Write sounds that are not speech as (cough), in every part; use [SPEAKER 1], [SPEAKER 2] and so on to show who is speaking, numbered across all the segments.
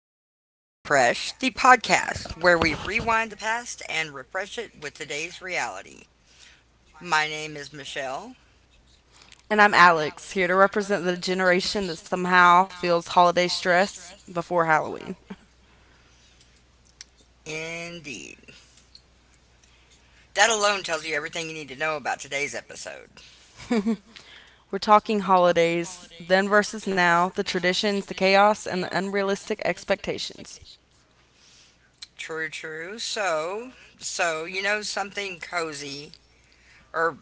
[SPEAKER 1] Refresh, the podcast where we rewind the past and refresh it with today's reality. My name is Michelle.
[SPEAKER 2] And I'm Alex, here to represent the generation that somehow feels holiday stress before Halloween.
[SPEAKER 1] Indeed. That alone tells you everything you need to know about today's episode.
[SPEAKER 2] We're talking holidays, then versus now, the traditions, the chaos, and the unrealistic expectations.
[SPEAKER 1] True, true. So, you know something cozy or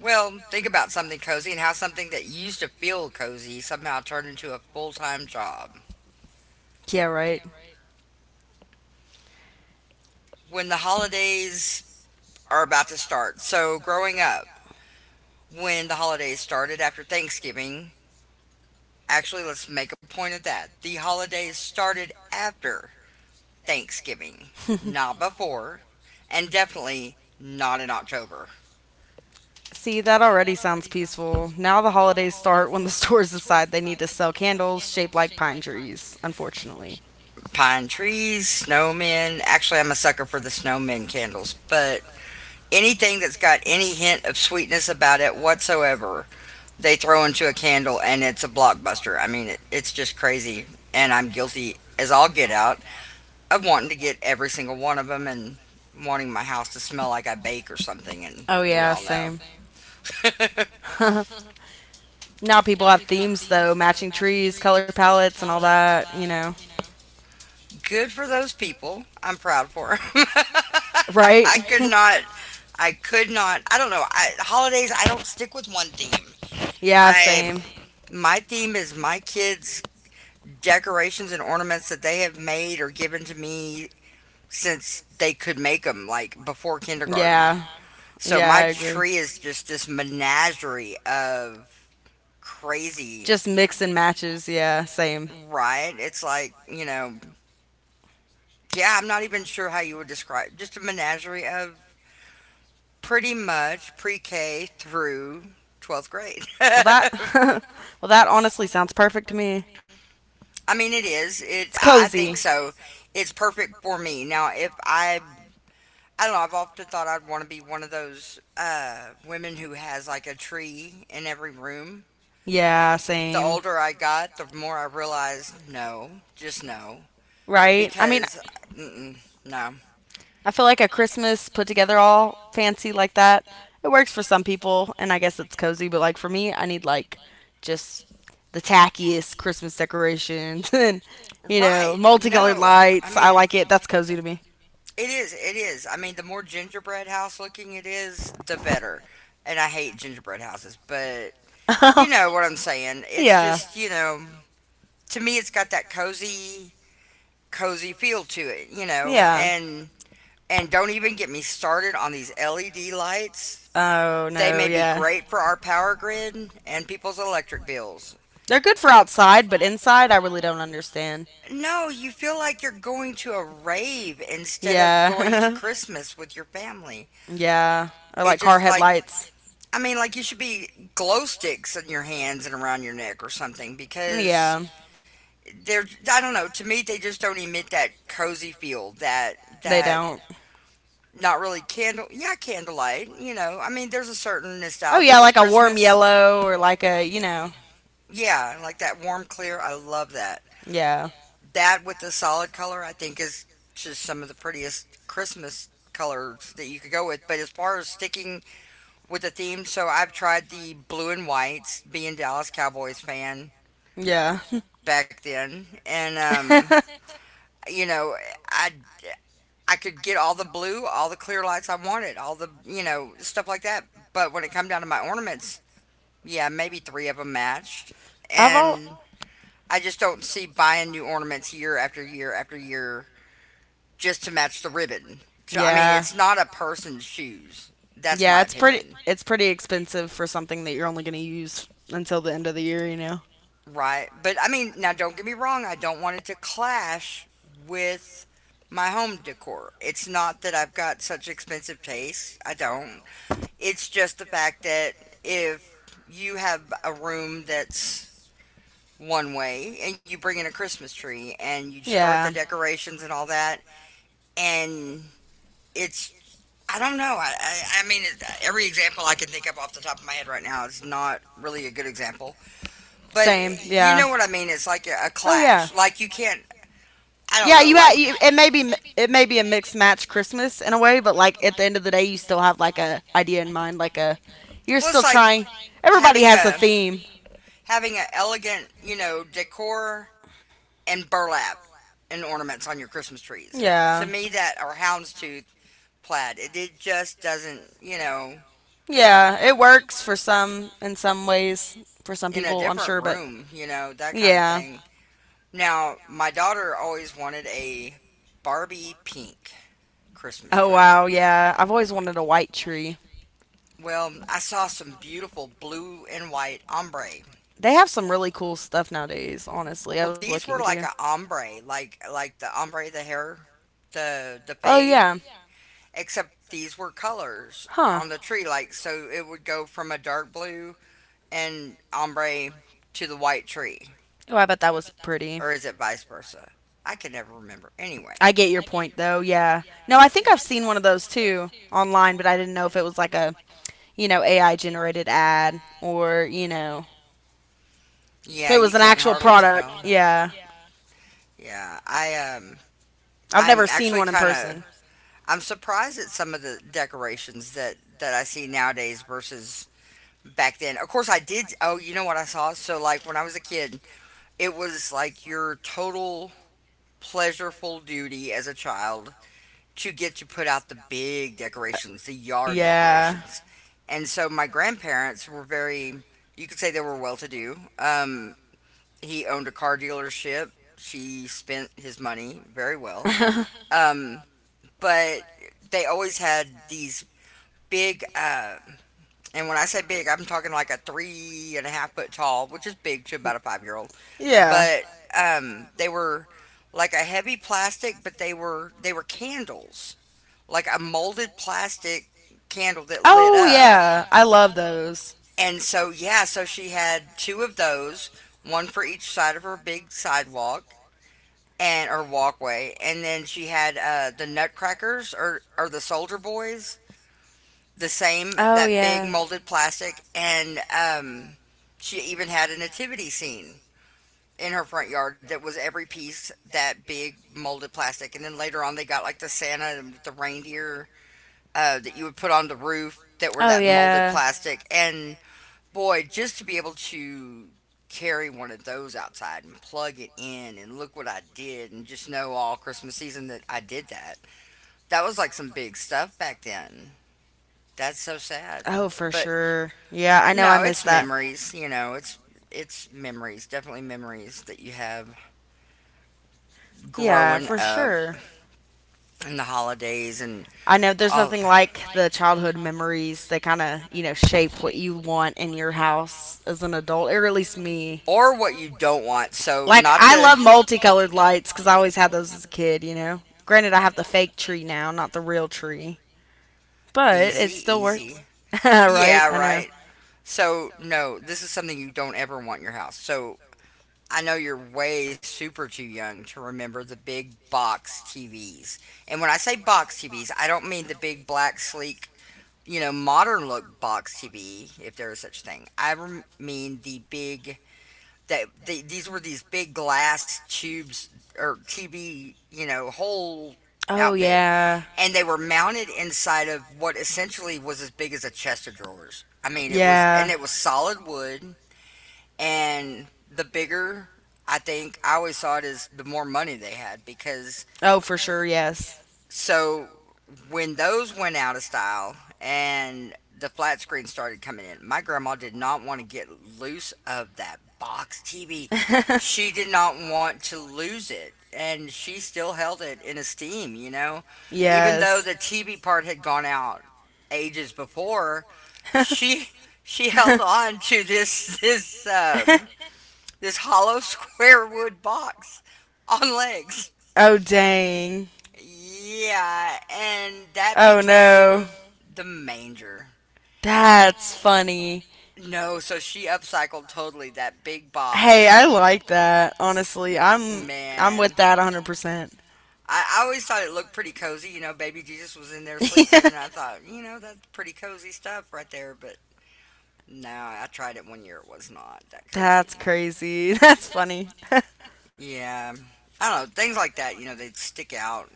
[SPEAKER 1] well, think about something cozy and how something that used to feel cozy somehow turned into a full-time job.
[SPEAKER 2] Yeah, right.
[SPEAKER 1] When the holidays are about to start. So, growing up, when the holidays started after Thanksgiving. Actually, let's make a point of that. The holidays started after Thanksgiving, not before, and definitely not in October.
[SPEAKER 2] See, that already sounds peaceful. Now the holidays start when the (laughs) stores decide they need to sell candles shaped like pine trees, unfortunately.
[SPEAKER 1] Pine trees, snowmen. Actually, I'm a sucker for the snowmen candles, but anything that's got any hint of sweetness about it whatsoever, they throw into a candle and it's a blockbuster. I mean, it's just crazy, and I'm guilty as all get out of wanting to get every single one of them and wanting my house to smell like I bake or something, and
[SPEAKER 2] Oh,
[SPEAKER 1] we
[SPEAKER 2] yeah,
[SPEAKER 1] all know.
[SPEAKER 2] same. Now people have themes, though matching trees, color palettes, and all that.
[SPEAKER 1] (laughs) Good for those people. I'm proud for 'em. (laughs)
[SPEAKER 2] Right?
[SPEAKER 1] I could
[SPEAKER 2] (laughs)
[SPEAKER 1] not. I could not. I don't know. Holidays. I don't stick with one theme.
[SPEAKER 2] Yeah,
[SPEAKER 1] I
[SPEAKER 2] same.
[SPEAKER 1] my theme is my kids' decorations and ornaments that they have made or given to me since they could make them, like before kindergarten.
[SPEAKER 2] Yeah,
[SPEAKER 1] So
[SPEAKER 2] yeah, I
[SPEAKER 1] my
[SPEAKER 2] agree.
[SPEAKER 1] tree is just this menagerie of crazy.
[SPEAKER 2] Just mix and matches. Yeah, same.
[SPEAKER 1] Same, right? It's like, yeah, I'm not even sure how you would describe just a menagerie of pretty much pre K through 12th grade. (laughs)
[SPEAKER 2] Well, that (laughs)
[SPEAKER 1] But
[SPEAKER 2] Well, that honestly sounds perfect to me.
[SPEAKER 1] (laughs) I mean, it is. It.
[SPEAKER 2] It's
[SPEAKER 1] I think
[SPEAKER 2] cozy.
[SPEAKER 1] so. It's perfect for me. Now, if I, I don't know. I've often thought I'd want to be one of those women who has like a tree in every room.
[SPEAKER 2] Yeah,
[SPEAKER 1] The
[SPEAKER 2] same.
[SPEAKER 1] older I got, the more I realized no, just no.
[SPEAKER 2] Right? I mean,
[SPEAKER 1] Because mm-mm, no,
[SPEAKER 2] I feel like a Christmas put together all fancy like that, it works for some people, and I guess it's cozy, but like for me, I need like just the tackiest Christmas decorations (laughs) and, you
[SPEAKER 1] right?
[SPEAKER 2] know,
[SPEAKER 1] You know, like
[SPEAKER 2] multicolored
[SPEAKER 1] no, so I my
[SPEAKER 2] lights.
[SPEAKER 1] mean
[SPEAKER 2] I
[SPEAKER 1] house,
[SPEAKER 2] like it.
[SPEAKER 1] I
[SPEAKER 2] That's
[SPEAKER 1] like it.
[SPEAKER 2] cozy
[SPEAKER 1] That's
[SPEAKER 2] to me.
[SPEAKER 1] cozy to me. It is. It is. I mean, the more gingerbread house looking it is, the better. And I hate gingerbread houses, but you
[SPEAKER 2] (laughs)
[SPEAKER 1] know what I'm saying. It's, yeah,
[SPEAKER 2] Yeah,
[SPEAKER 1] just, yeah, you know, to me, it's got that cozy, cozy feel to it. You know, yeah,
[SPEAKER 2] yeah.
[SPEAKER 1] and don't even get me started on these LED lights.
[SPEAKER 2] Oh
[SPEAKER 1] They
[SPEAKER 2] no,
[SPEAKER 1] may be, oh,
[SPEAKER 2] yeah.
[SPEAKER 1] great, yeah, for our power grid and people's electric bills.
[SPEAKER 2] They're good for outside, but inside, I really don't understand.
[SPEAKER 1] No, you feel like you're going to a rave instead of going to
[SPEAKER 2] Yeah,
[SPEAKER 1] Christmas with your family.
[SPEAKER 2] (laughs) yeah. Or
[SPEAKER 1] It
[SPEAKER 2] like car
[SPEAKER 1] just like,
[SPEAKER 2] headlights.
[SPEAKER 1] I mean, like you should be glow sticks in your hands and around your neck or something because
[SPEAKER 2] Yeah,
[SPEAKER 1] they're, I don't know. To me, they just don't emit that cozy feel that
[SPEAKER 2] they
[SPEAKER 1] that
[SPEAKER 2] don't.
[SPEAKER 1] not really candle, yeah, candlelight. You know, I mean, there's a certain
[SPEAKER 2] Oh
[SPEAKER 1] nostalgia
[SPEAKER 2] yeah,
[SPEAKER 1] with
[SPEAKER 2] like a warm
[SPEAKER 1] Christmas.
[SPEAKER 2] yellow or like a, you know,
[SPEAKER 1] Yeah, like that warm clear. I love that
[SPEAKER 2] yeah.
[SPEAKER 1] that with the solid color, I think is just some of the prettiest Christmas colors that you could go with. But as far as sticking with the theme, so I've tried the blue and whites, being Dallas Cowboys fan
[SPEAKER 2] Yeah.
[SPEAKER 1] back then, and
[SPEAKER 2] (laughs)
[SPEAKER 1] (laughs) you know, I I could get all the blue, all the clear lights I wanted, all the stuff like that. But when it come down to my ornaments, yeah, maybe three of them matched,
[SPEAKER 2] I've all
[SPEAKER 1] and I just don't see buying new ornaments year after year after year just to match the ribbon. So I mean,
[SPEAKER 2] yeah.
[SPEAKER 1] it's not a person's shoes. That's my,
[SPEAKER 2] Yeah,
[SPEAKER 1] yeah, it's
[SPEAKER 2] it's pretty
[SPEAKER 1] opinion,
[SPEAKER 2] it's pretty expensive for something that you're only going to use until the end of the year.
[SPEAKER 1] know, right? But I mean, now don't get me wrong. I don't want it to clash with my home decor. It's not that I've got such expensive taste. I don't. It's just the fact that if you have a room that's one way and you bring in a Christmas tree and you start the,
[SPEAKER 2] Yeah.
[SPEAKER 1] yeah, decorations and all that, and it's, I don't know. I mean, every example I can think of off the top of my head right now is not really a good example. But
[SPEAKER 2] Same.
[SPEAKER 1] you know
[SPEAKER 2] Yeah.
[SPEAKER 1] what I mean? It's like a
[SPEAKER 2] Oh yeah.
[SPEAKER 1] clash. Like, you can't, I don't
[SPEAKER 2] Yeah,
[SPEAKER 1] know, yeah,
[SPEAKER 2] you, ha-
[SPEAKER 1] like,
[SPEAKER 2] you it may be a mixed match Christmas in a way, but like at the end of the day you still have like a idea in mind, like a you're
[SPEAKER 1] well,
[SPEAKER 2] still
[SPEAKER 1] it's like
[SPEAKER 2] trying. Everybody
[SPEAKER 1] having a
[SPEAKER 2] has a
[SPEAKER 1] having
[SPEAKER 2] theme.
[SPEAKER 1] a elegant, you know, decor and burlap and ornaments on your Christmas trees. To
[SPEAKER 2] Yeah.
[SPEAKER 1] me, that or houndstooth plaid, it just doesn't, you know,
[SPEAKER 2] Yeah, it works for some in some ways for some
[SPEAKER 1] in a
[SPEAKER 2] people, I'm
[SPEAKER 1] different
[SPEAKER 2] sure, but
[SPEAKER 1] room, you know, that kind of
[SPEAKER 2] yeah.
[SPEAKER 1] thing. Now, my daughter always wanted a Barbie pink Christmas
[SPEAKER 2] Oh
[SPEAKER 1] tree.
[SPEAKER 2] wow, yeah. I've always wanted a white tree.
[SPEAKER 1] Well, I saw some beautiful blue and white ombre.
[SPEAKER 2] They have some really cool stuff nowadays, honestly. I
[SPEAKER 1] Well,
[SPEAKER 2] was
[SPEAKER 1] these
[SPEAKER 2] looking
[SPEAKER 1] were
[SPEAKER 2] too.
[SPEAKER 1] like a ombre, like the ombre, the hair, the
[SPEAKER 2] Oh
[SPEAKER 1] fade,
[SPEAKER 2] yeah.
[SPEAKER 1] except these were colors
[SPEAKER 2] Huh.
[SPEAKER 1] on the, oh, tree, like so it would go from a dark blue and ombre to the white tree,
[SPEAKER 2] Oh, I bet that was pretty.
[SPEAKER 1] or is it vice versa? I can never remember. Anyway,
[SPEAKER 2] I get your point though. Yeah. No, I think I've seen one of those too online, but I didn't know if it was like a, AI generated ad or, if
[SPEAKER 1] yeah,
[SPEAKER 2] it
[SPEAKER 1] you
[SPEAKER 2] was an
[SPEAKER 1] can't
[SPEAKER 2] actual
[SPEAKER 1] hardly I tell.
[SPEAKER 2] product, yeah.
[SPEAKER 1] Yeah,
[SPEAKER 2] I've
[SPEAKER 1] I'm
[SPEAKER 2] never seen
[SPEAKER 1] actually
[SPEAKER 2] one in
[SPEAKER 1] kind of
[SPEAKER 2] person.
[SPEAKER 1] I'm surprised at some of the decorations that I see nowadays versus back then. Of course, I did. Oh, you know what I saw? So like when I was a kid, it was like your total pleasureful duty as a child to get to put out the big decorations, the yard
[SPEAKER 2] Yeah.
[SPEAKER 1] decorations. And so my grandparents were very, you could say they were well to do. He owned a car dealership. She spent his money very well.
[SPEAKER 2] (laughs)
[SPEAKER 1] Um, but they always had these big, and when I say big, I'm talking like a 3.5-foot tall, which is big to about a 5-year old.
[SPEAKER 2] yeah.
[SPEAKER 1] But they were like a heavy plastic, but they were candles, like a molded plastic candle that lit
[SPEAKER 2] Oh
[SPEAKER 1] up.
[SPEAKER 2] yeah, I love those.
[SPEAKER 1] And so, yeah, so she had two of those, one for each side of her big sidewalk and or walkway, and then she had the Nutcrackers or the Soldier Boys, the same
[SPEAKER 2] Oh
[SPEAKER 1] that big
[SPEAKER 2] yeah.
[SPEAKER 1] molded plastic, and she even had a nativity scene in her front yard that was every piece that big molded plastic, and then later on they got like the Santa and the reindeer that you would put on the roof that were
[SPEAKER 2] Oh
[SPEAKER 1] that molded
[SPEAKER 2] yeah.
[SPEAKER 1] plastic, and boy, just to be able to carry one of those outside and plug it in and look what I did and just know all Christmas season that I did that. That was like some big stuff back then. That's so sad.
[SPEAKER 2] Oh for
[SPEAKER 1] But
[SPEAKER 2] sure. Yeah, I know I
[SPEAKER 1] no, it's
[SPEAKER 2] missed that.
[SPEAKER 1] memories, you know, it's memories, definitely memories that you have
[SPEAKER 2] Yeah,
[SPEAKER 1] growing
[SPEAKER 2] for
[SPEAKER 1] up
[SPEAKER 2] sure.
[SPEAKER 1] and the holidays and
[SPEAKER 2] I know there's
[SPEAKER 1] all,
[SPEAKER 2] nothing like the childhood memories. They kind of shape what you want in your house as an adult, or at least me.
[SPEAKER 1] or what you don't want. So like,
[SPEAKER 2] Like,
[SPEAKER 1] not
[SPEAKER 2] I
[SPEAKER 1] to,
[SPEAKER 2] love multicolored lights because I always had those as a kid, you know? Granted, I have the fake tree now, not the real tree, but it
[SPEAKER 1] easy,
[SPEAKER 2] still
[SPEAKER 1] easy.
[SPEAKER 2] works. (laughs) Right?
[SPEAKER 1] Yeah,
[SPEAKER 2] I know.
[SPEAKER 1] right. You know. So no, this is something you don't ever want in your house. So I know you're way super too young to remember the big box TVs. And when I say box TVs, I don't mean the big black sleek, you know, modern look box TV, if there is such thing. Mean the big, these were these big glass tubes or TV, you know, whole
[SPEAKER 2] Oh,
[SPEAKER 1] outfit,
[SPEAKER 2] yeah.
[SPEAKER 1] and they were mounted inside of what essentially was as big as a chest of drawers. I mean, it was, and
[SPEAKER 2] Yeah.
[SPEAKER 1] it was solid wood, and the bigger, I think, I always saw it as the more money they had, because
[SPEAKER 2] Oh, for sure, yes.
[SPEAKER 1] so when those went out of style and the flat screen started coming in, my grandma did not want to get loose of that box TV.
[SPEAKER 2] (laughs)
[SPEAKER 1] She did not want to lose it, and she still held it in esteem, you know. Even though
[SPEAKER 2] Yes.
[SPEAKER 1] the TV part had gone out ages before, she she held on to this (laughs) this
[SPEAKER 2] (laughs)
[SPEAKER 1] this hollow (laughs) square wood box on legs.
[SPEAKER 2] Oh, dang.
[SPEAKER 1] Yeah, and that
[SPEAKER 2] Oh, no.
[SPEAKER 1] became the manger.
[SPEAKER 2] That's funny.
[SPEAKER 1] No, so she upcycled totally that big
[SPEAKER 2] Hey,
[SPEAKER 1] box.
[SPEAKER 2] I like that. Honestly, I'm
[SPEAKER 1] Man,
[SPEAKER 2] with that 100%.
[SPEAKER 1] I always thought it looked pretty cozy. You know, baby Jesus was in there sleeping, and I (laughs)
[SPEAKER 2] (laughs)
[SPEAKER 1] thought, you know, that's pretty cozy stuff right there. But no, I tried it one year. It was not that cozy.
[SPEAKER 2] That's crazy. (laughs) That's funny.
[SPEAKER 1] Yeah. I don't know, things like that, you know, they stick out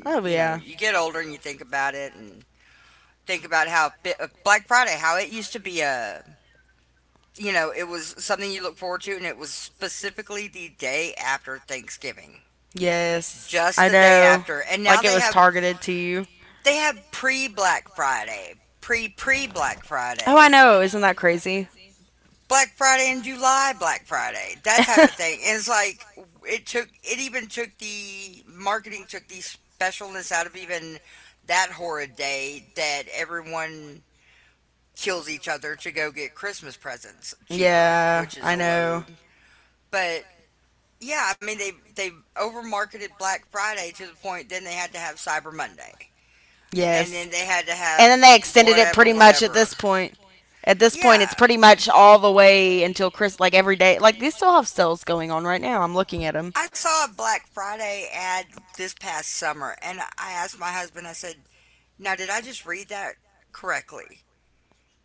[SPEAKER 2] (laughs) Oh
[SPEAKER 1] you know,
[SPEAKER 2] yeah.
[SPEAKER 1] you, yeah, get older and you think about it and think about how, Black Friday, how it used to be a, you know, it was something you look forward to, and it was specifically the day after Thanksgiving,
[SPEAKER 2] Yes.
[SPEAKER 1] just
[SPEAKER 2] I
[SPEAKER 1] the day
[SPEAKER 2] know.
[SPEAKER 1] after. And now
[SPEAKER 2] Like it
[SPEAKER 1] they
[SPEAKER 2] was
[SPEAKER 1] have,
[SPEAKER 2] targeted to you.
[SPEAKER 1] pre Black Friday, pre Black
[SPEAKER 2] Oh,
[SPEAKER 1] Friday,
[SPEAKER 2] I know. Isn't that crazy?
[SPEAKER 1] Black Friday in July, Black Friday, that type of thing.
[SPEAKER 2] (laughs)
[SPEAKER 1] And it's like it took it, even took the marketing, took the specialness out of even that horrid day that everyone kills each other to go get Christmas presents cheaper, yeah,
[SPEAKER 2] Yeah,
[SPEAKER 1] which is
[SPEAKER 2] I
[SPEAKER 1] a
[SPEAKER 2] know.
[SPEAKER 1] load. But yeah, I mean they over marketed Black Friday to the point then they had to have Cyber Monday. And
[SPEAKER 2] Yes.
[SPEAKER 1] then they had to
[SPEAKER 2] And
[SPEAKER 1] have,
[SPEAKER 2] then they extended it pretty
[SPEAKER 1] whatever,
[SPEAKER 2] much at
[SPEAKER 1] whatever.
[SPEAKER 2] this point. At this
[SPEAKER 1] At this,
[SPEAKER 2] point, it's
[SPEAKER 1] yeah,
[SPEAKER 2] pretty much all the way until like every day. Like, they still have sales going on right now. I'm looking at them.
[SPEAKER 1] at, it, Saw a Black Friday ad this past summer and I asked my husband. I said, "Now did I just read that correctly?"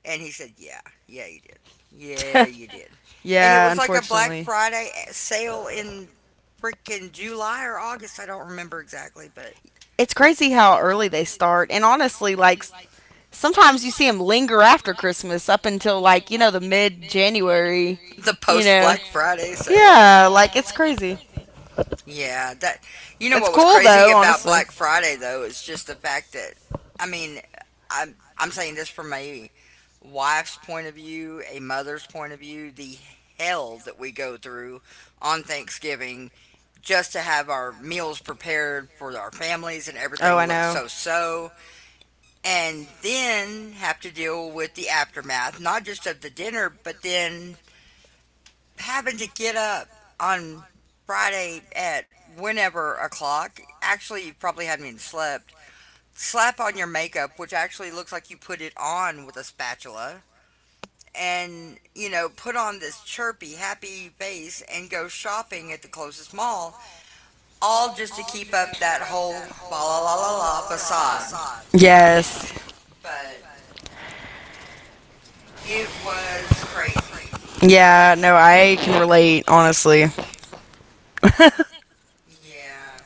[SPEAKER 1] And he said, "Yeah, yeah, you did. Yeah, you did."
[SPEAKER 2] (laughs)
[SPEAKER 1] And it
[SPEAKER 2] Yeah,
[SPEAKER 1] was like a Black
[SPEAKER 2] unfortunately.
[SPEAKER 1] Friday sale in freaking July or August. I don't remember exactly, but
[SPEAKER 2] It's crazy how early they start. And honestly, like, sometimes you see them linger after Christmas up until, like, the mid January.
[SPEAKER 1] the
[SPEAKER 2] You
[SPEAKER 1] post
[SPEAKER 2] know?
[SPEAKER 1] Black Friday sale.
[SPEAKER 2] Yeah, like, it's crazy.
[SPEAKER 1] Yeah, that, you know
[SPEAKER 2] It's
[SPEAKER 1] what was
[SPEAKER 2] cool,
[SPEAKER 1] crazy
[SPEAKER 2] though,
[SPEAKER 1] about
[SPEAKER 2] honestly.
[SPEAKER 1] Black Friday though is just the fact that I mean, I'm saying this from my wife's point of view, a mother's point of view, the hell that we go through on Thanksgiving just to have our meals prepared for our families and
[SPEAKER 2] Oh, I
[SPEAKER 1] everything look
[SPEAKER 2] know.
[SPEAKER 1] so so. And then have to deal with the aftermath, not just of the dinner, but then having to get up on Friday at whenever o'clock. Actually, you probably haven't even slept. Slap on your makeup, which actually looks like you put it on with a spatula, and, you know, put on this chirpy happy face and go shopping at the closest mall, all just to keep up that whole fa la la la la facade,
[SPEAKER 2] Yes.
[SPEAKER 1] but it was crazy,
[SPEAKER 2] Yeah, no, I can relate, honestly. (laughs)
[SPEAKER 1] yeah.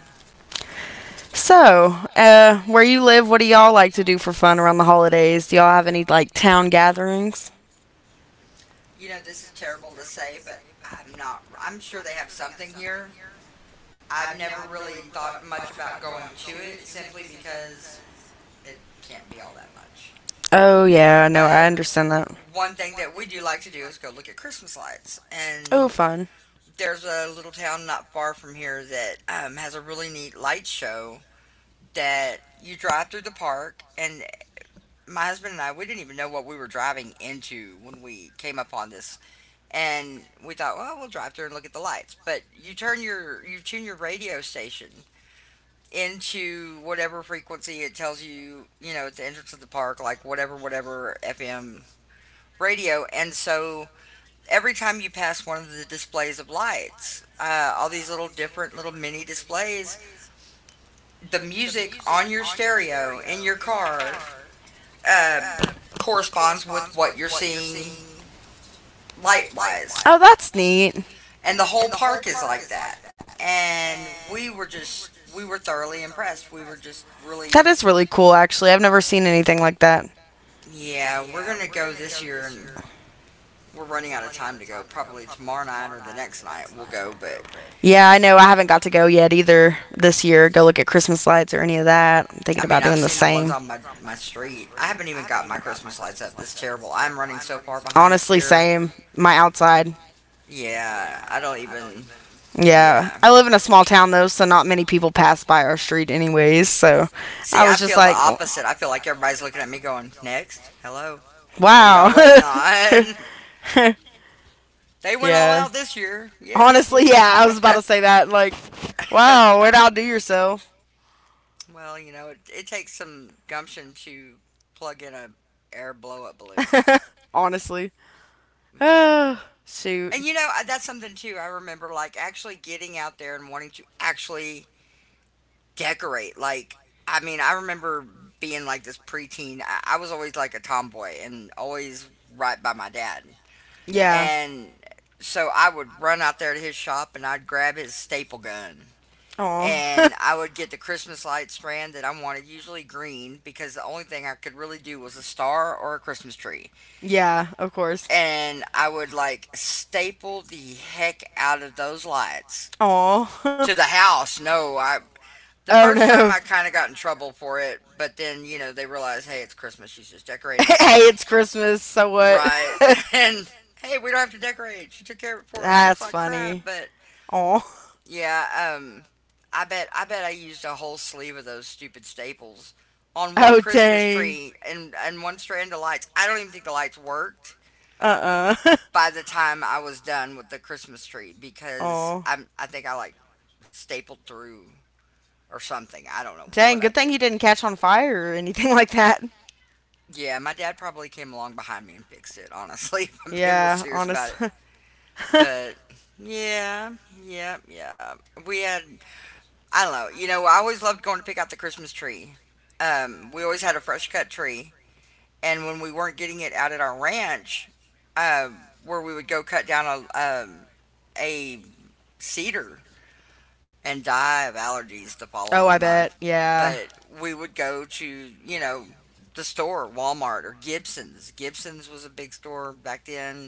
[SPEAKER 2] So, where you live, what do y'all like to do for fun around the holidays? Do y'all have any, like, town gatherings?
[SPEAKER 1] You know, this is terrible to say, but I'm not, I'm sure they have something here. I've never really thought much about going to it simply because it can't be all that much,
[SPEAKER 2] Oh, yeah, no, I
[SPEAKER 1] but
[SPEAKER 2] understand that.
[SPEAKER 1] one thing that we do like to do is go look at Christmas lights.
[SPEAKER 2] Oh,
[SPEAKER 1] And
[SPEAKER 2] fun.
[SPEAKER 1] there's a little town not far from here that, has a really neat light show that you drive through the park. And my husband and I, we didn't even know what we were driving into when we came upon this. And we thought, well, we'll drive through and look at the lights. But you turn your, you tune your radio station into whatever frequency it tells you, you know, at the entrance of the park, like whatever, whatever FM radio. And so every time you pass one of the displays of lights, all these little different little mini displays, the music on your stereo in your car uh, corresponds with what you're seeing light wise.
[SPEAKER 2] Oh, that's neat.
[SPEAKER 1] And the whole park is like that. And we were just, we were thoroughly impressed. We were just really,
[SPEAKER 2] That is really cool, actually. I've never seen anything like that.
[SPEAKER 1] yeah, we're going to go this year, and we're running out of time to go. Probably tomorrow night or the next night we'll go. But
[SPEAKER 2] Yeah, I know. I haven't got to go yet either this year. Go look at Christmas lights or any of that. I'm thinking about
[SPEAKER 1] I've
[SPEAKER 2] doing the
[SPEAKER 1] seen the ones
[SPEAKER 2] same.
[SPEAKER 1] on my street. I haven't even got my Christmas lights up. This is terrible. I'm running so far behind this
[SPEAKER 2] Honestly,
[SPEAKER 1] year.
[SPEAKER 2] same. My outside.
[SPEAKER 1] Yeah, I don't even.
[SPEAKER 2] Yeah.
[SPEAKER 1] Yeah.
[SPEAKER 2] I live in a small town though, so not many people pass by our street anyways, so
[SPEAKER 1] See,
[SPEAKER 2] I
[SPEAKER 1] I
[SPEAKER 2] was just
[SPEAKER 1] feel the
[SPEAKER 2] like,
[SPEAKER 1] opposite. I feel like everybody's looking at me going, "Next, hello, what are y'all
[SPEAKER 2] wow.
[SPEAKER 1] waiting on?"
[SPEAKER 2] (laughs)
[SPEAKER 1] (laughs) They went all
[SPEAKER 2] Yeah.
[SPEAKER 1] out this year. Yeah, we
[SPEAKER 2] Honestly,
[SPEAKER 1] did.
[SPEAKER 2] yeah, I was about to say that like, wow, where'd outdo
[SPEAKER 1] (laughs)
[SPEAKER 2] yourself?
[SPEAKER 1] Well, you know, it takes some gumption to plug in a air blow up balloon,
[SPEAKER 2] (laughs) Honestly. (sighs)
[SPEAKER 1] but
[SPEAKER 2] Oh, shoot.
[SPEAKER 1] and you know, that's something too. I remember like actually getting out there and wanting to actually decorate. Like, I remember being like this preteen. I was always like a tomboy and always right by my dad.
[SPEAKER 2] Yeah.
[SPEAKER 1] And so I would run out there to his shop and I'd grab his staple gun.
[SPEAKER 2] Oh.
[SPEAKER 1] And I would get the Christmas light strand that I wanted, usually green, because the only thing I could really do was a star or a Christmas tree.
[SPEAKER 2] (laughs) Yeah, of course.
[SPEAKER 1] And I would like staple the heck out of those lights
[SPEAKER 2] Aw. (laughs)
[SPEAKER 1] to the house. No, I the
[SPEAKER 2] Oh
[SPEAKER 1] first time
[SPEAKER 2] no.
[SPEAKER 1] I
[SPEAKER 2] (laughs)
[SPEAKER 1] kind of got in trouble for it, but then you know they realized, hey, it's Christmas. She's just decorating,
[SPEAKER 2] Christmas. (laughs) Hey, it's Christmas, so what?
[SPEAKER 1] right?
[SPEAKER 2] (laughs)
[SPEAKER 1] (laughs) And hey, we don't have to decorate. She took care of it for us. Looks
[SPEAKER 2] That's
[SPEAKER 1] like crap,
[SPEAKER 2] funny.
[SPEAKER 1] but
[SPEAKER 2] Aw.
[SPEAKER 1] yeah. I bet I used a whole sleeve of those stupid staples on one
[SPEAKER 2] Oh
[SPEAKER 1] Christmas
[SPEAKER 2] dang.
[SPEAKER 1] tree and one strand of lights. I don't even think the lights worked
[SPEAKER 2] Uh.
[SPEAKER 1] by the time I was done with the Christmas tree
[SPEAKER 2] (laughs)
[SPEAKER 1] because
[SPEAKER 2] Aw.
[SPEAKER 1] I think I like stapled through or something. I don't know what
[SPEAKER 2] Dang,
[SPEAKER 1] I
[SPEAKER 2] good
[SPEAKER 1] did.
[SPEAKER 2] thing he didn't catch on fire or anything (laughs) like that.
[SPEAKER 1] Yeah, my dad probably came along behind me and fixed it, honestly, (laughs) if I'm being real
[SPEAKER 2] Yeah,
[SPEAKER 1] serious about it.
[SPEAKER 2] honestly. (laughs)
[SPEAKER 1] But yeah, yeah, yeah. We had, I don't know, you know, I always loved going to pick out the Christmas tree. We always had a fresh cut tree. And when we weren't getting it out at our ranch, where we would go cut down a, a cedar and die of allergies the
[SPEAKER 2] Oh, I
[SPEAKER 1] following month.
[SPEAKER 2] bet. Yeah.
[SPEAKER 1] But we would go to, you know, the store, Walmart or Gibson's. Gibson's was a big store back then.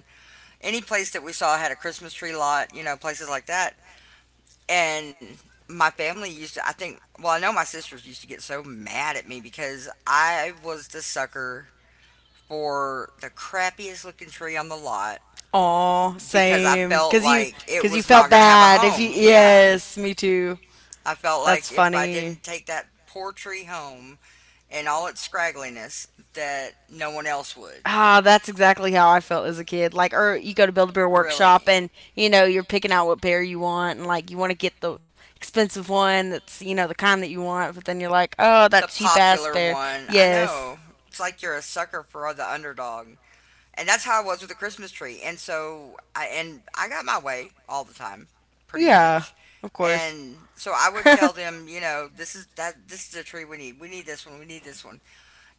[SPEAKER 1] Any place that we saw had a Christmas tree lot, you know, places like that. And my family used to, I think, well, I know my sisters used to get so mad at me because I was the sucker for the crappiest looking tree on the lot
[SPEAKER 2] Aw,
[SPEAKER 1] because I
[SPEAKER 2] same.
[SPEAKER 1] felt
[SPEAKER 2] Cause you,
[SPEAKER 1] like it
[SPEAKER 2] cause you
[SPEAKER 1] was not
[SPEAKER 2] felt
[SPEAKER 1] going to have a
[SPEAKER 2] bad. If you,
[SPEAKER 1] home. Yeah.
[SPEAKER 2] yes, me too.
[SPEAKER 1] I felt
[SPEAKER 2] That's
[SPEAKER 1] like if I
[SPEAKER 2] funny.
[SPEAKER 1] didn't take that poor tree home in all its scraggliness, that no one else would.
[SPEAKER 2] Ah, that's exactly how I felt as a kid. Like, or you go to Build a Bear
[SPEAKER 1] Really.
[SPEAKER 2] Workshop, and you know you're picking out what bear you want, and like you want to get the expensive one that's the kind that you want, but then you're like, oh,
[SPEAKER 1] It's
[SPEAKER 2] that
[SPEAKER 1] a
[SPEAKER 2] cheap ass
[SPEAKER 1] popular
[SPEAKER 2] bear.
[SPEAKER 1] one. I
[SPEAKER 2] Yes,
[SPEAKER 1] know. It's like you're a sucker for the underdog. And that's how I was with the Christmas tree. And so I got my way all the time, pretty
[SPEAKER 2] yeah,
[SPEAKER 1] much.
[SPEAKER 2] of course.
[SPEAKER 1] And so I would
[SPEAKER 2] (laughs)
[SPEAKER 1] tell them, you know, this is the tree we need. We need this one. We need this one.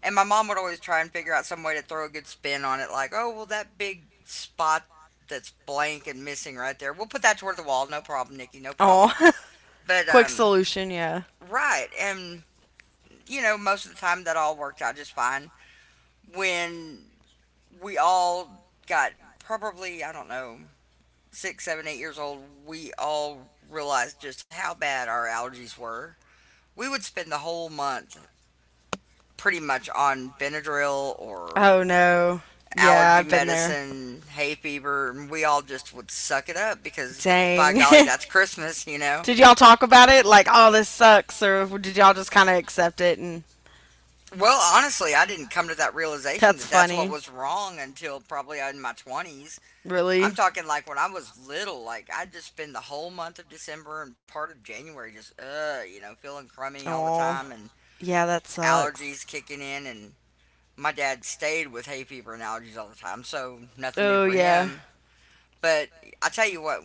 [SPEAKER 1] And my mom would always try and figure out some way to throw a good spin on it, like, oh, well, that big spot that's blank and missing right there, we'll put that toward the wall. No problem, Nikki, no
[SPEAKER 2] Oh,
[SPEAKER 1] problem.
[SPEAKER 2] (laughs)
[SPEAKER 1] But,
[SPEAKER 2] quick solution, yeah.
[SPEAKER 1] right. And, you know, most of the time that all worked out just fine. When we all got probably, I don't know, 6, 7, 8 years old, we all realized just how bad our allergies were. We would spend the whole month pretty much on Benadryl or
[SPEAKER 2] Oh no, yeah,
[SPEAKER 1] allergy
[SPEAKER 2] I've been there.
[SPEAKER 1] medicine, hay fever, and we all just would suck it up because by
[SPEAKER 2] Dang.
[SPEAKER 1] golly, that's
[SPEAKER 2] (laughs)
[SPEAKER 1] Christmas, you know?
[SPEAKER 2] Did y'all talk about it? Like, oh, this sucks, or did y'all just kind of accept it and.
[SPEAKER 1] Well, honestly, I didn't come to that realization
[SPEAKER 2] That's
[SPEAKER 1] that that's what
[SPEAKER 2] funny.
[SPEAKER 1] was wrong until probably in my 20s. I'm
[SPEAKER 2] Really?
[SPEAKER 1] talking like when I was little, like I'd just spend the whole month of December and part of January just, you know, feeling crummy all the
[SPEAKER 2] Oh,
[SPEAKER 1] time and
[SPEAKER 2] yeah, that sucks.
[SPEAKER 1] allergies kicking in. And my dad stayed with hay fever and allergies all the time, so nothing new
[SPEAKER 2] Oh,
[SPEAKER 1] for
[SPEAKER 2] yeah.
[SPEAKER 1] him. But I tell you what,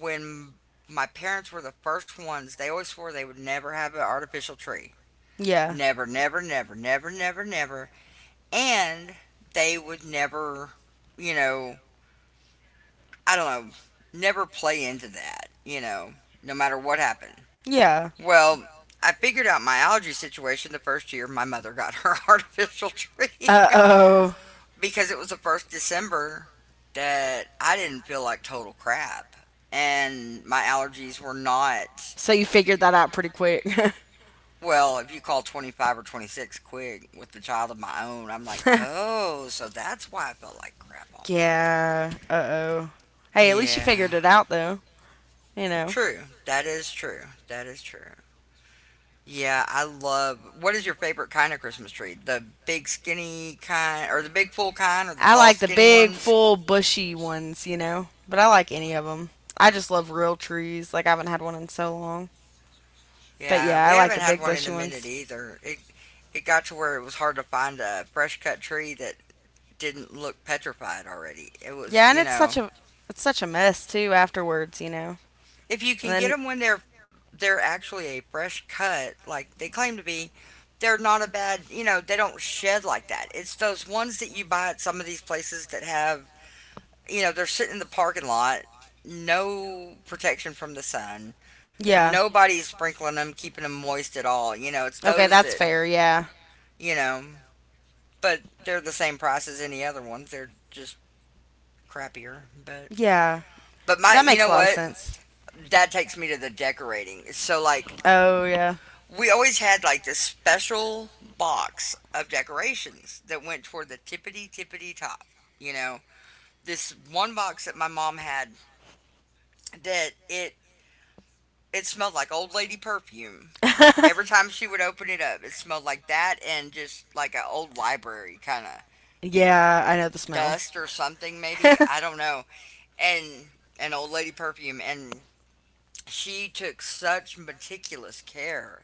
[SPEAKER 1] when my parents were the first ones, they always swore they would never have an artificial tree.
[SPEAKER 2] Yeah.
[SPEAKER 1] Never, never, never, never, never, never. And they would never, you know, I don't know, never play into that, you know, no matter what happened.
[SPEAKER 2] Yeah.
[SPEAKER 1] Well, I figured out my allergy situation the first year my mother got her (laughs) artificial tree,
[SPEAKER 2] Uh
[SPEAKER 1] (laughs)
[SPEAKER 2] oh.
[SPEAKER 1] because it was the first December that I didn't feel like total crap. And my allergies were not,
[SPEAKER 2] So you figured that out pretty quick.
[SPEAKER 1] well, if you call 25 or 26 quick with the child of my own, I'm like,
[SPEAKER 2] (laughs)
[SPEAKER 1] oh, so that's why I felt like crap all month.
[SPEAKER 2] Yeah. Uh oh. Hey, at least you
[SPEAKER 1] Yeah,
[SPEAKER 2] figured it out, though. You know.
[SPEAKER 1] true. That is true. That is true. Yeah, I love. What is your favorite kind of Christmas tree? The big skinny kind, or the big full kind, or the
[SPEAKER 2] I
[SPEAKER 1] tall
[SPEAKER 2] like the
[SPEAKER 1] skinny
[SPEAKER 2] big,
[SPEAKER 1] ones?
[SPEAKER 2] full, bushy ones, you know. But I like any of them. I just love real trees. Like, I haven't had one in so long. But
[SPEAKER 1] Yeah,
[SPEAKER 2] yeah, I
[SPEAKER 1] we
[SPEAKER 2] like
[SPEAKER 1] haven't
[SPEAKER 2] the
[SPEAKER 1] had
[SPEAKER 2] big
[SPEAKER 1] one in
[SPEAKER 2] bushy
[SPEAKER 1] a minute
[SPEAKER 2] ones.
[SPEAKER 1] either. It got to where it was hard to find a fresh cut tree that didn't look petrified already. It was,
[SPEAKER 2] Yeah, and
[SPEAKER 1] you
[SPEAKER 2] it's such
[SPEAKER 1] know,
[SPEAKER 2] a it's such a mess too afterwards.
[SPEAKER 1] if you
[SPEAKER 2] And
[SPEAKER 1] can get
[SPEAKER 2] then
[SPEAKER 1] them when they're actually a fresh cut, like they claim to be, they're not a bad, you know, they don't shed like that. It's those ones that you buy at some of these places that have, you know, they're sitting in the parking lot, no protection from the sun.
[SPEAKER 2] yeah,
[SPEAKER 1] Nobody's sprinkling them, keeping them moist at all. You know, it's
[SPEAKER 2] okay,
[SPEAKER 1] those
[SPEAKER 2] that's
[SPEAKER 1] that,
[SPEAKER 2] fair. Yeah,
[SPEAKER 1] you know, but they're the same price as any other ones. They're just crappier,
[SPEAKER 2] yeah,
[SPEAKER 1] but my
[SPEAKER 2] that
[SPEAKER 1] you
[SPEAKER 2] makes a
[SPEAKER 1] know
[SPEAKER 2] lot of
[SPEAKER 1] what
[SPEAKER 2] sense.
[SPEAKER 1] that takes me to the decorating. So like
[SPEAKER 2] Oh yeah,
[SPEAKER 1] we always had like this special box of decorations that went toward the tippity tippity top. You know this one box that my mom had that it smelled like old lady perfume.
[SPEAKER 2] (laughs)
[SPEAKER 1] Every time she would open it up, it smelled like that and just like an old library kind of
[SPEAKER 2] yeah, I know the smell.
[SPEAKER 1] dust or something, maybe.
[SPEAKER 2] (laughs)
[SPEAKER 1] I don't know. And an old lady perfume, and she took such meticulous care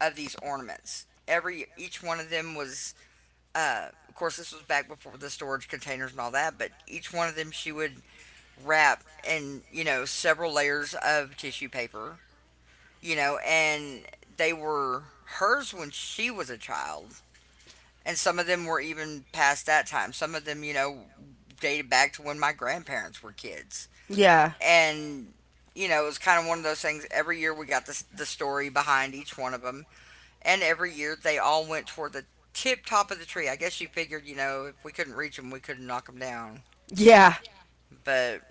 [SPEAKER 1] of these ornaments. Every each one of them was of course this was back before the storage containers and all that, but each one of them she would wrap in, you know, several layers of tissue paper, and they were hers when she was a child, and some of them were even past that time. Some of them, you know, dated back to when my grandparents were kids.
[SPEAKER 2] Yeah,
[SPEAKER 1] And you know it was kind of one of those things. Every year we got this, the story behind each one of them, and every year they all went toward the tip top of the tree. I guess you figured, you know, if we couldn't reach them, we couldn't knock them down.
[SPEAKER 2] yeah,
[SPEAKER 1] But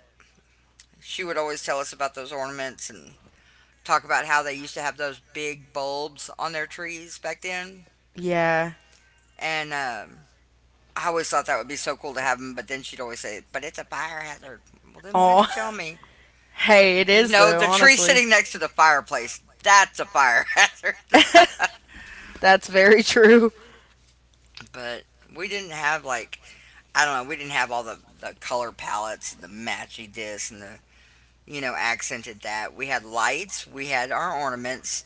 [SPEAKER 1] she would always tell us about those ornaments and talk about how they used to have those big bulbs on their trees back then.
[SPEAKER 2] yeah.
[SPEAKER 1] And I always thought that would be so cool to have them, but then she'd always say, "But it's a fire hazard." Well, then why'd
[SPEAKER 2] Oh,
[SPEAKER 1] you tell me?
[SPEAKER 2] (laughs) hey, it is
[SPEAKER 1] No,
[SPEAKER 2] though.
[SPEAKER 1] the tree
[SPEAKER 2] Honestly,
[SPEAKER 1] sitting next to the fireplace, that's a fire hazard.
[SPEAKER 2] (laughs)
[SPEAKER 1] (laughs)
[SPEAKER 2] that's very true.
[SPEAKER 1] But we didn't have like, I don't know, we didn't have all the color palettes and the matchy this and the, you know, accented that. We had lights, we had our ornaments,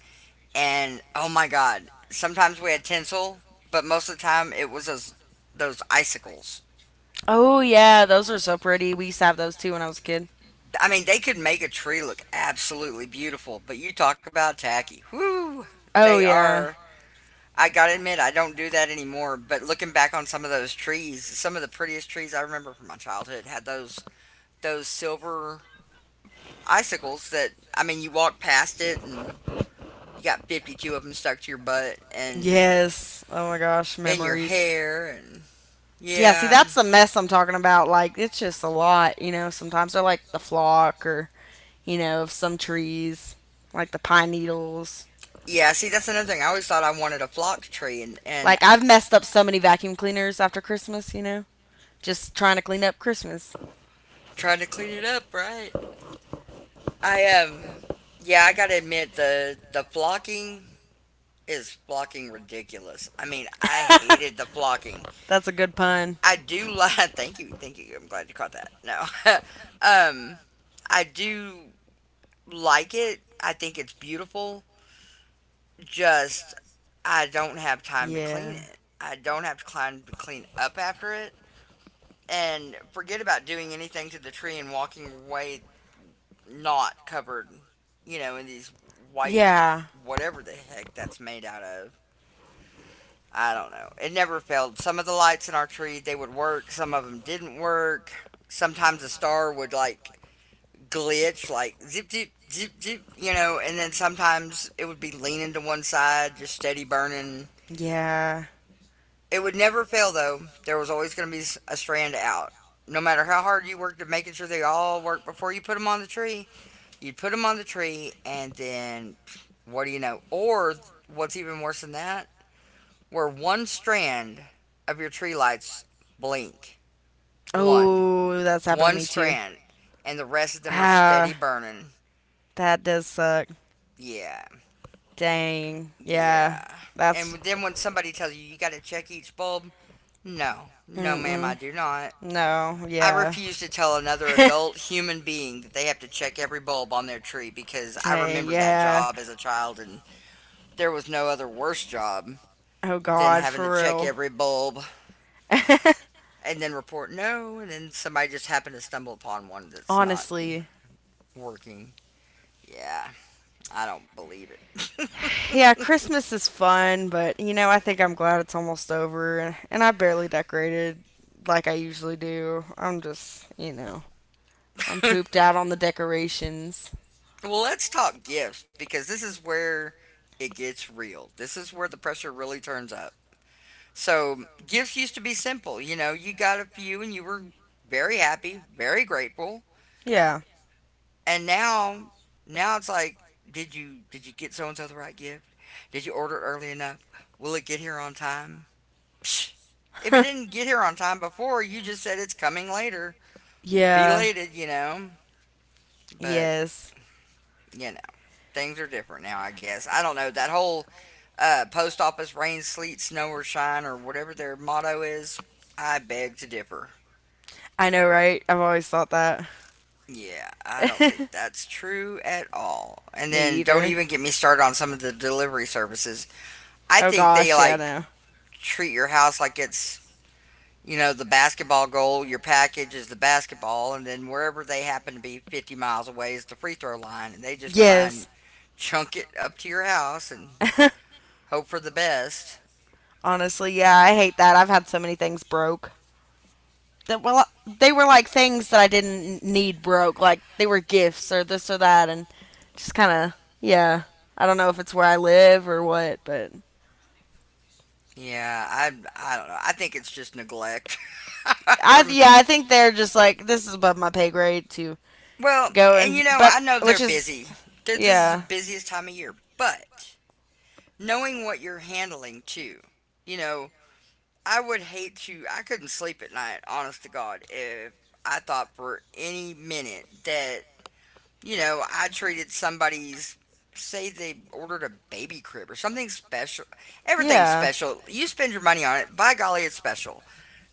[SPEAKER 1] and oh my god, sometimes we had tinsel, but most of the time it was those icicles.
[SPEAKER 2] Oh yeah, those are so pretty. We used to have those too when I was a kid.
[SPEAKER 1] I mean, they could make a tree look absolutely beautiful, but you talk about tacky. Whoo! They
[SPEAKER 2] Oh yeah.
[SPEAKER 1] are, I gotta admit, I don't do that anymore. But looking back on some of those trees, some of the prettiest trees I remember from my childhood had those silver icicles that, I mean, you walk past it and you got 52 of them stuck to your butt and
[SPEAKER 2] Yes. Oh my gosh,
[SPEAKER 1] in your
[SPEAKER 2] memories.
[SPEAKER 1] hair. And
[SPEAKER 2] Yeah, see
[SPEAKER 1] yeah,
[SPEAKER 2] that's the mess I'm talking about. Like it's just a lot. Sometimes they're like the flock or of some trees, like the pine needles.
[SPEAKER 1] yeah. See, that's another thing. I always thought I wanted a flock tree, and
[SPEAKER 2] Like I've messed up so many vacuum cleaners after Christmas. Just trying to clean up Christmas.
[SPEAKER 1] tried to clean it up, right? I yeah. I gotta admit, the flocking is flocking ridiculous. I mean, I hated the flocking.
[SPEAKER 2] That's a good pun.
[SPEAKER 1] I do like. (laughs) Thank you, thank you. I'm glad you caught that. No, (laughs) um, I do like it. I think it's beautiful. Just, I don't have time to clean
[SPEAKER 2] Yeah.
[SPEAKER 1] it. I don't have time to clean up after it, and forget about doing anything to the tree and walking away not covered, you know, in these white,
[SPEAKER 2] Yeah.
[SPEAKER 1] whatever the heck that's made out of. I don't know. It never failed. Some of the lights in our tree, they would work. Some of them didn't work. Sometimes a star would like glitch, like zip, zip, zip, zip, you know, and then sometimes it would be leaning to one side, just steady burning.
[SPEAKER 2] Yeah.
[SPEAKER 1] It would never fail though. There was always going to be a strand out. No matter how hard you worked at making sure they all worked before you put them on the tree, you'd put them on the tree, and then what do you know? Or what's even worse than that, where one strand of your tree lights blink. One.
[SPEAKER 2] Oh, that's happened to
[SPEAKER 1] One
[SPEAKER 2] me too.
[SPEAKER 1] strand. And the rest of them are steady
[SPEAKER 2] Ah,
[SPEAKER 1] burning.
[SPEAKER 2] that does suck.
[SPEAKER 1] Yeah.
[SPEAKER 2] Dang. Yeah.
[SPEAKER 1] Yeah. And
[SPEAKER 2] That's.
[SPEAKER 1] then when somebody tells you you got to check each bulb, no, no, ma'am, I
[SPEAKER 2] Mm-mm.
[SPEAKER 1] do not.
[SPEAKER 2] No.
[SPEAKER 1] I
[SPEAKER 2] Yeah.
[SPEAKER 1] refuse to tell another
[SPEAKER 2] (laughs)
[SPEAKER 1] adult human being that they have to check every bulb on their tree, because I
[SPEAKER 2] Dang.
[SPEAKER 1] remember that
[SPEAKER 2] Yeah.
[SPEAKER 1] job as a child, and there was no other worse job
[SPEAKER 2] Oh,
[SPEAKER 1] than
[SPEAKER 2] God.
[SPEAKER 1] having to
[SPEAKER 2] For
[SPEAKER 1] check
[SPEAKER 2] real.
[SPEAKER 1] every bulb
[SPEAKER 2] (laughs)
[SPEAKER 1] and then report no and then somebody just happened to stumble upon one that's not
[SPEAKER 2] Honestly.
[SPEAKER 1] working. Yeah, I don't believe it.
[SPEAKER 2] Yeah, Christmas is fun, but I think I'm glad it's almost over. And I barely decorated like I usually do. I'm just, I'm
[SPEAKER 1] (laughs)
[SPEAKER 2] pooped out on the decorations.
[SPEAKER 1] Well, let's talk gifts, because this is where it gets real. This is where the pressure really turns up. So, gifts used to be simple. You know, you got a few and you were very happy, very grateful.
[SPEAKER 2] Yeah.
[SPEAKER 1] And now, now it's like, did you get so and so the right gift? Did you order it early enough? Will it get here on time? Psh, if it
[SPEAKER 2] (laughs)
[SPEAKER 1] didn't get here on time before, you just said it's coming later.
[SPEAKER 2] Yeah.
[SPEAKER 1] Belated, you know. But
[SPEAKER 2] Yes.
[SPEAKER 1] you know, things are different now. I guess I don't know that whole post office, rain, sleet, snow, or shine, or whatever their motto is, I beg to differ.
[SPEAKER 2] I know, right? I've always thought that.
[SPEAKER 1] Yeah, I don't think
[SPEAKER 2] (laughs)
[SPEAKER 1] that's true at all. And
[SPEAKER 2] Me
[SPEAKER 1] then don't
[SPEAKER 2] either.
[SPEAKER 1] even get me started on some of the delivery services. I
[SPEAKER 2] Oh
[SPEAKER 1] think they
[SPEAKER 2] gosh, yeah,
[SPEAKER 1] like
[SPEAKER 2] no.
[SPEAKER 1] treat your house like it's, you know, the basketball goal, your package is the basketball, and then wherever they happen to be 50 miles away is the free throw line, and they just try and
[SPEAKER 2] Yes.
[SPEAKER 1] chunk it up to
[SPEAKER 2] (laughs)
[SPEAKER 1] your house and hope for the best.
[SPEAKER 2] Honestly, yeah, I hate that. I've had so many things broke. That well, they were like things that I didn't need broke. Like they were gifts or this or that, and just kind of yeah. I don't know if it's where I live or what, but
[SPEAKER 1] Yeah, I don't know. I think it's just neglect (laughs)
[SPEAKER 2] I
[SPEAKER 1] from,
[SPEAKER 2] yeah, I think they're just like this is above my pay grade to
[SPEAKER 1] well,
[SPEAKER 2] go
[SPEAKER 1] and
[SPEAKER 2] and
[SPEAKER 1] you know,
[SPEAKER 2] but
[SPEAKER 1] I know they're
[SPEAKER 2] which is
[SPEAKER 1] busy. They, this is the
[SPEAKER 2] yeah.
[SPEAKER 1] busiest time of year, but knowing what you're handling too, you know, I would hate to. I couldn't sleep at night, honest to God, if I thought for any minute that, you know, I treated somebody's, say they ordered a baby crib or something special, everything's
[SPEAKER 2] Yeah,
[SPEAKER 1] special, you spend your money on it, by golly it's special.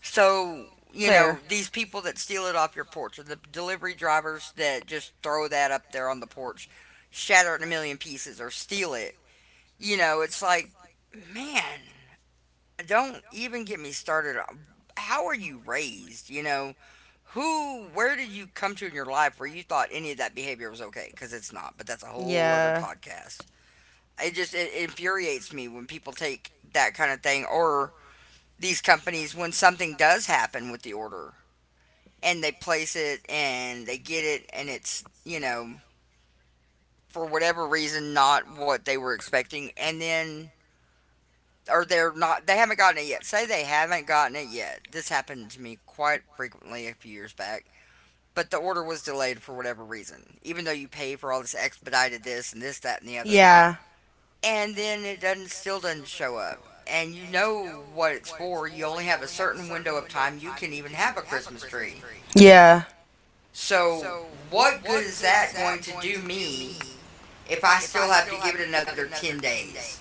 [SPEAKER 1] So, you
[SPEAKER 2] fair.
[SPEAKER 1] know, these people that steal it off your porch or the delivery drivers that just throw that up there on the porch, shatter it in a million pieces or steal it. You know, it's like, man, don't even get me started. How are you raised? You know, who, where did you come to in your life where you thought any of that behavior was okay? Because it's not, but that's a whole other
[SPEAKER 2] Yeah.
[SPEAKER 1] podcast. It just, it infuriates me when people take that kind of thing, or these companies when something does happen with the order and they place it and they get it and it's, you know, for whatever reason not what they were expecting, and then, or they're not, they haven't gotten it yet. Say they haven't gotten it yet. This happened to me quite frequently a few years back. But the order was delayed for whatever reason, even though you pay for all this expedited this and this, that, and the other.
[SPEAKER 2] Yeah,
[SPEAKER 1] And then it doesn't, still doesn't show up. And you know what it's for. You only have a certain window of time you can even have a Christmas tree.
[SPEAKER 2] yeah,
[SPEAKER 1] So, what good is that going to do me if I still have to give it another 10 days?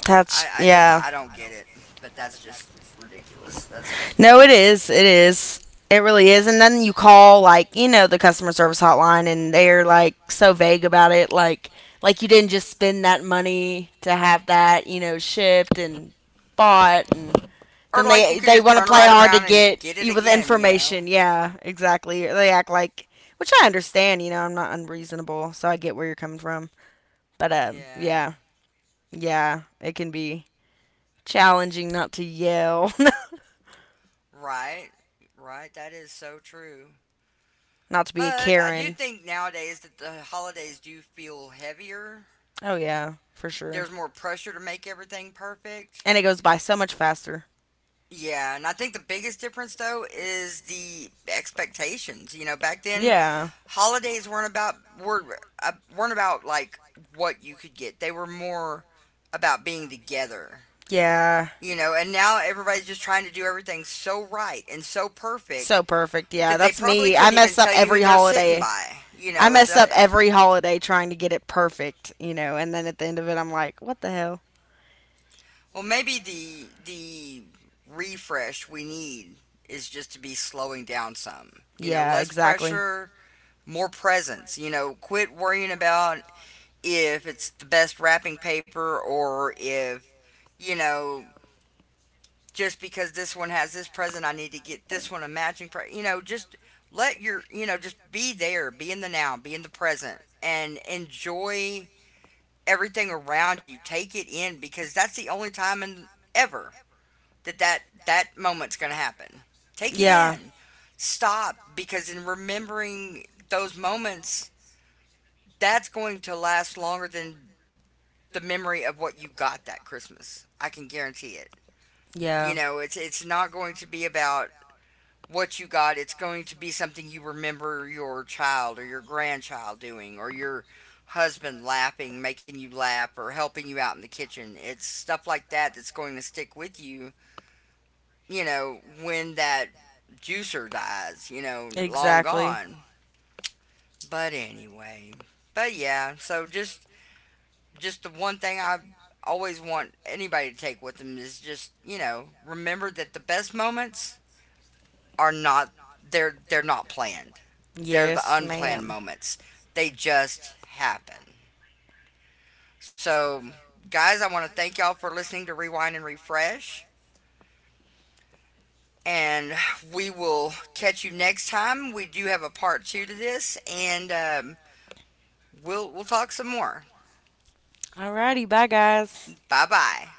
[SPEAKER 2] that's
[SPEAKER 1] I just,
[SPEAKER 2] yeah.
[SPEAKER 1] I don't get it. But that's just ridiculous. That's just.
[SPEAKER 2] No, it is, it is, it really is. And then you call like the customer service hotline, and they're like so vague about it, like you didn't just spend that money to have that shipped and bought, and
[SPEAKER 1] Or,
[SPEAKER 2] then
[SPEAKER 1] like, you
[SPEAKER 2] they
[SPEAKER 1] can
[SPEAKER 2] they
[SPEAKER 1] just
[SPEAKER 2] want to
[SPEAKER 1] turn
[SPEAKER 2] play
[SPEAKER 1] right
[SPEAKER 2] hard to
[SPEAKER 1] around and
[SPEAKER 2] get
[SPEAKER 1] get it
[SPEAKER 2] you with
[SPEAKER 1] again, you know?
[SPEAKER 2] information. Yeah, exactly. They act like, which I understand. You know, I'm not unreasonable, so I get where you're coming from. But
[SPEAKER 1] Yeah.
[SPEAKER 2] yeah, yeah, it can be challenging not to yell,
[SPEAKER 1] Right. Right. That is so true.
[SPEAKER 2] (laughs) not to be a
[SPEAKER 1] But I do
[SPEAKER 2] Karen.
[SPEAKER 1] think nowadays that the holidays do feel heavier.
[SPEAKER 2] Oh yeah, for sure.
[SPEAKER 1] There's more pressure to make everything perfect.
[SPEAKER 2] And it goes by so much faster.
[SPEAKER 1] Yeah, and I think the biggest difference though is the expectations. You know, back then
[SPEAKER 2] Yeah.
[SPEAKER 1] holidays weren't about, were weren't about like what you could get. They were more about being together,
[SPEAKER 2] Yeah.
[SPEAKER 1] you know. And now everybody's just trying to do everything so right and so perfect
[SPEAKER 2] So perfect. Yeah,
[SPEAKER 1] that they
[SPEAKER 2] that's
[SPEAKER 1] probably
[SPEAKER 2] me. I
[SPEAKER 1] couldn't even
[SPEAKER 2] mess up
[SPEAKER 1] tell you who
[SPEAKER 2] every
[SPEAKER 1] they're sitting
[SPEAKER 2] holiday.
[SPEAKER 1] by, you
[SPEAKER 2] I
[SPEAKER 1] know. At
[SPEAKER 2] mess
[SPEAKER 1] the,
[SPEAKER 2] up every holiday trying to get it perfect, and then at the end of it I'm like, what the hell?
[SPEAKER 1] well, maybe the refresh we need is just to be slowing down some. You know,
[SPEAKER 2] Yeah,
[SPEAKER 1] less
[SPEAKER 2] exactly.
[SPEAKER 1] pressure, more presence. You know, quit worrying about if it's the best wrapping paper, or if, you know, just because this one has this present I need to get this one a matching you know, just let your, you know, just be there, be in the now, be in the present, and enjoy everything around you, take it in, because that's the only time in ever that that moment's going to happen, take it
[SPEAKER 2] Yeah.
[SPEAKER 1] in, stop, because in remembering those moments, that's going to last longer than the memory of what you got that Christmas. I can guarantee it. You
[SPEAKER 2] Yeah.
[SPEAKER 1] know, it's not going to be about what you got. It's going to be something you remember your child or your grandchild doing, or your husband laughing, making you laugh or helping you out in the kitchen. It's stuff like that that's going to stick with you, you know, when that juicer dies, you know, long
[SPEAKER 2] Exactly.
[SPEAKER 1] gone. But anyway, but yeah, so just the one thing I always want anybody to take with them is just, you know, remember that the best moments are not, they're not planned. They're the
[SPEAKER 2] Yes,
[SPEAKER 1] unplanned
[SPEAKER 2] ma'am.
[SPEAKER 1] moments. They just happen. So guys, I want to thank y'all for listening to Rewind and Refresh. And we will catch you next time. We do have a part two to this, and we'll talk some more.
[SPEAKER 2] Alrighty, bye guys.
[SPEAKER 1] Bye bye.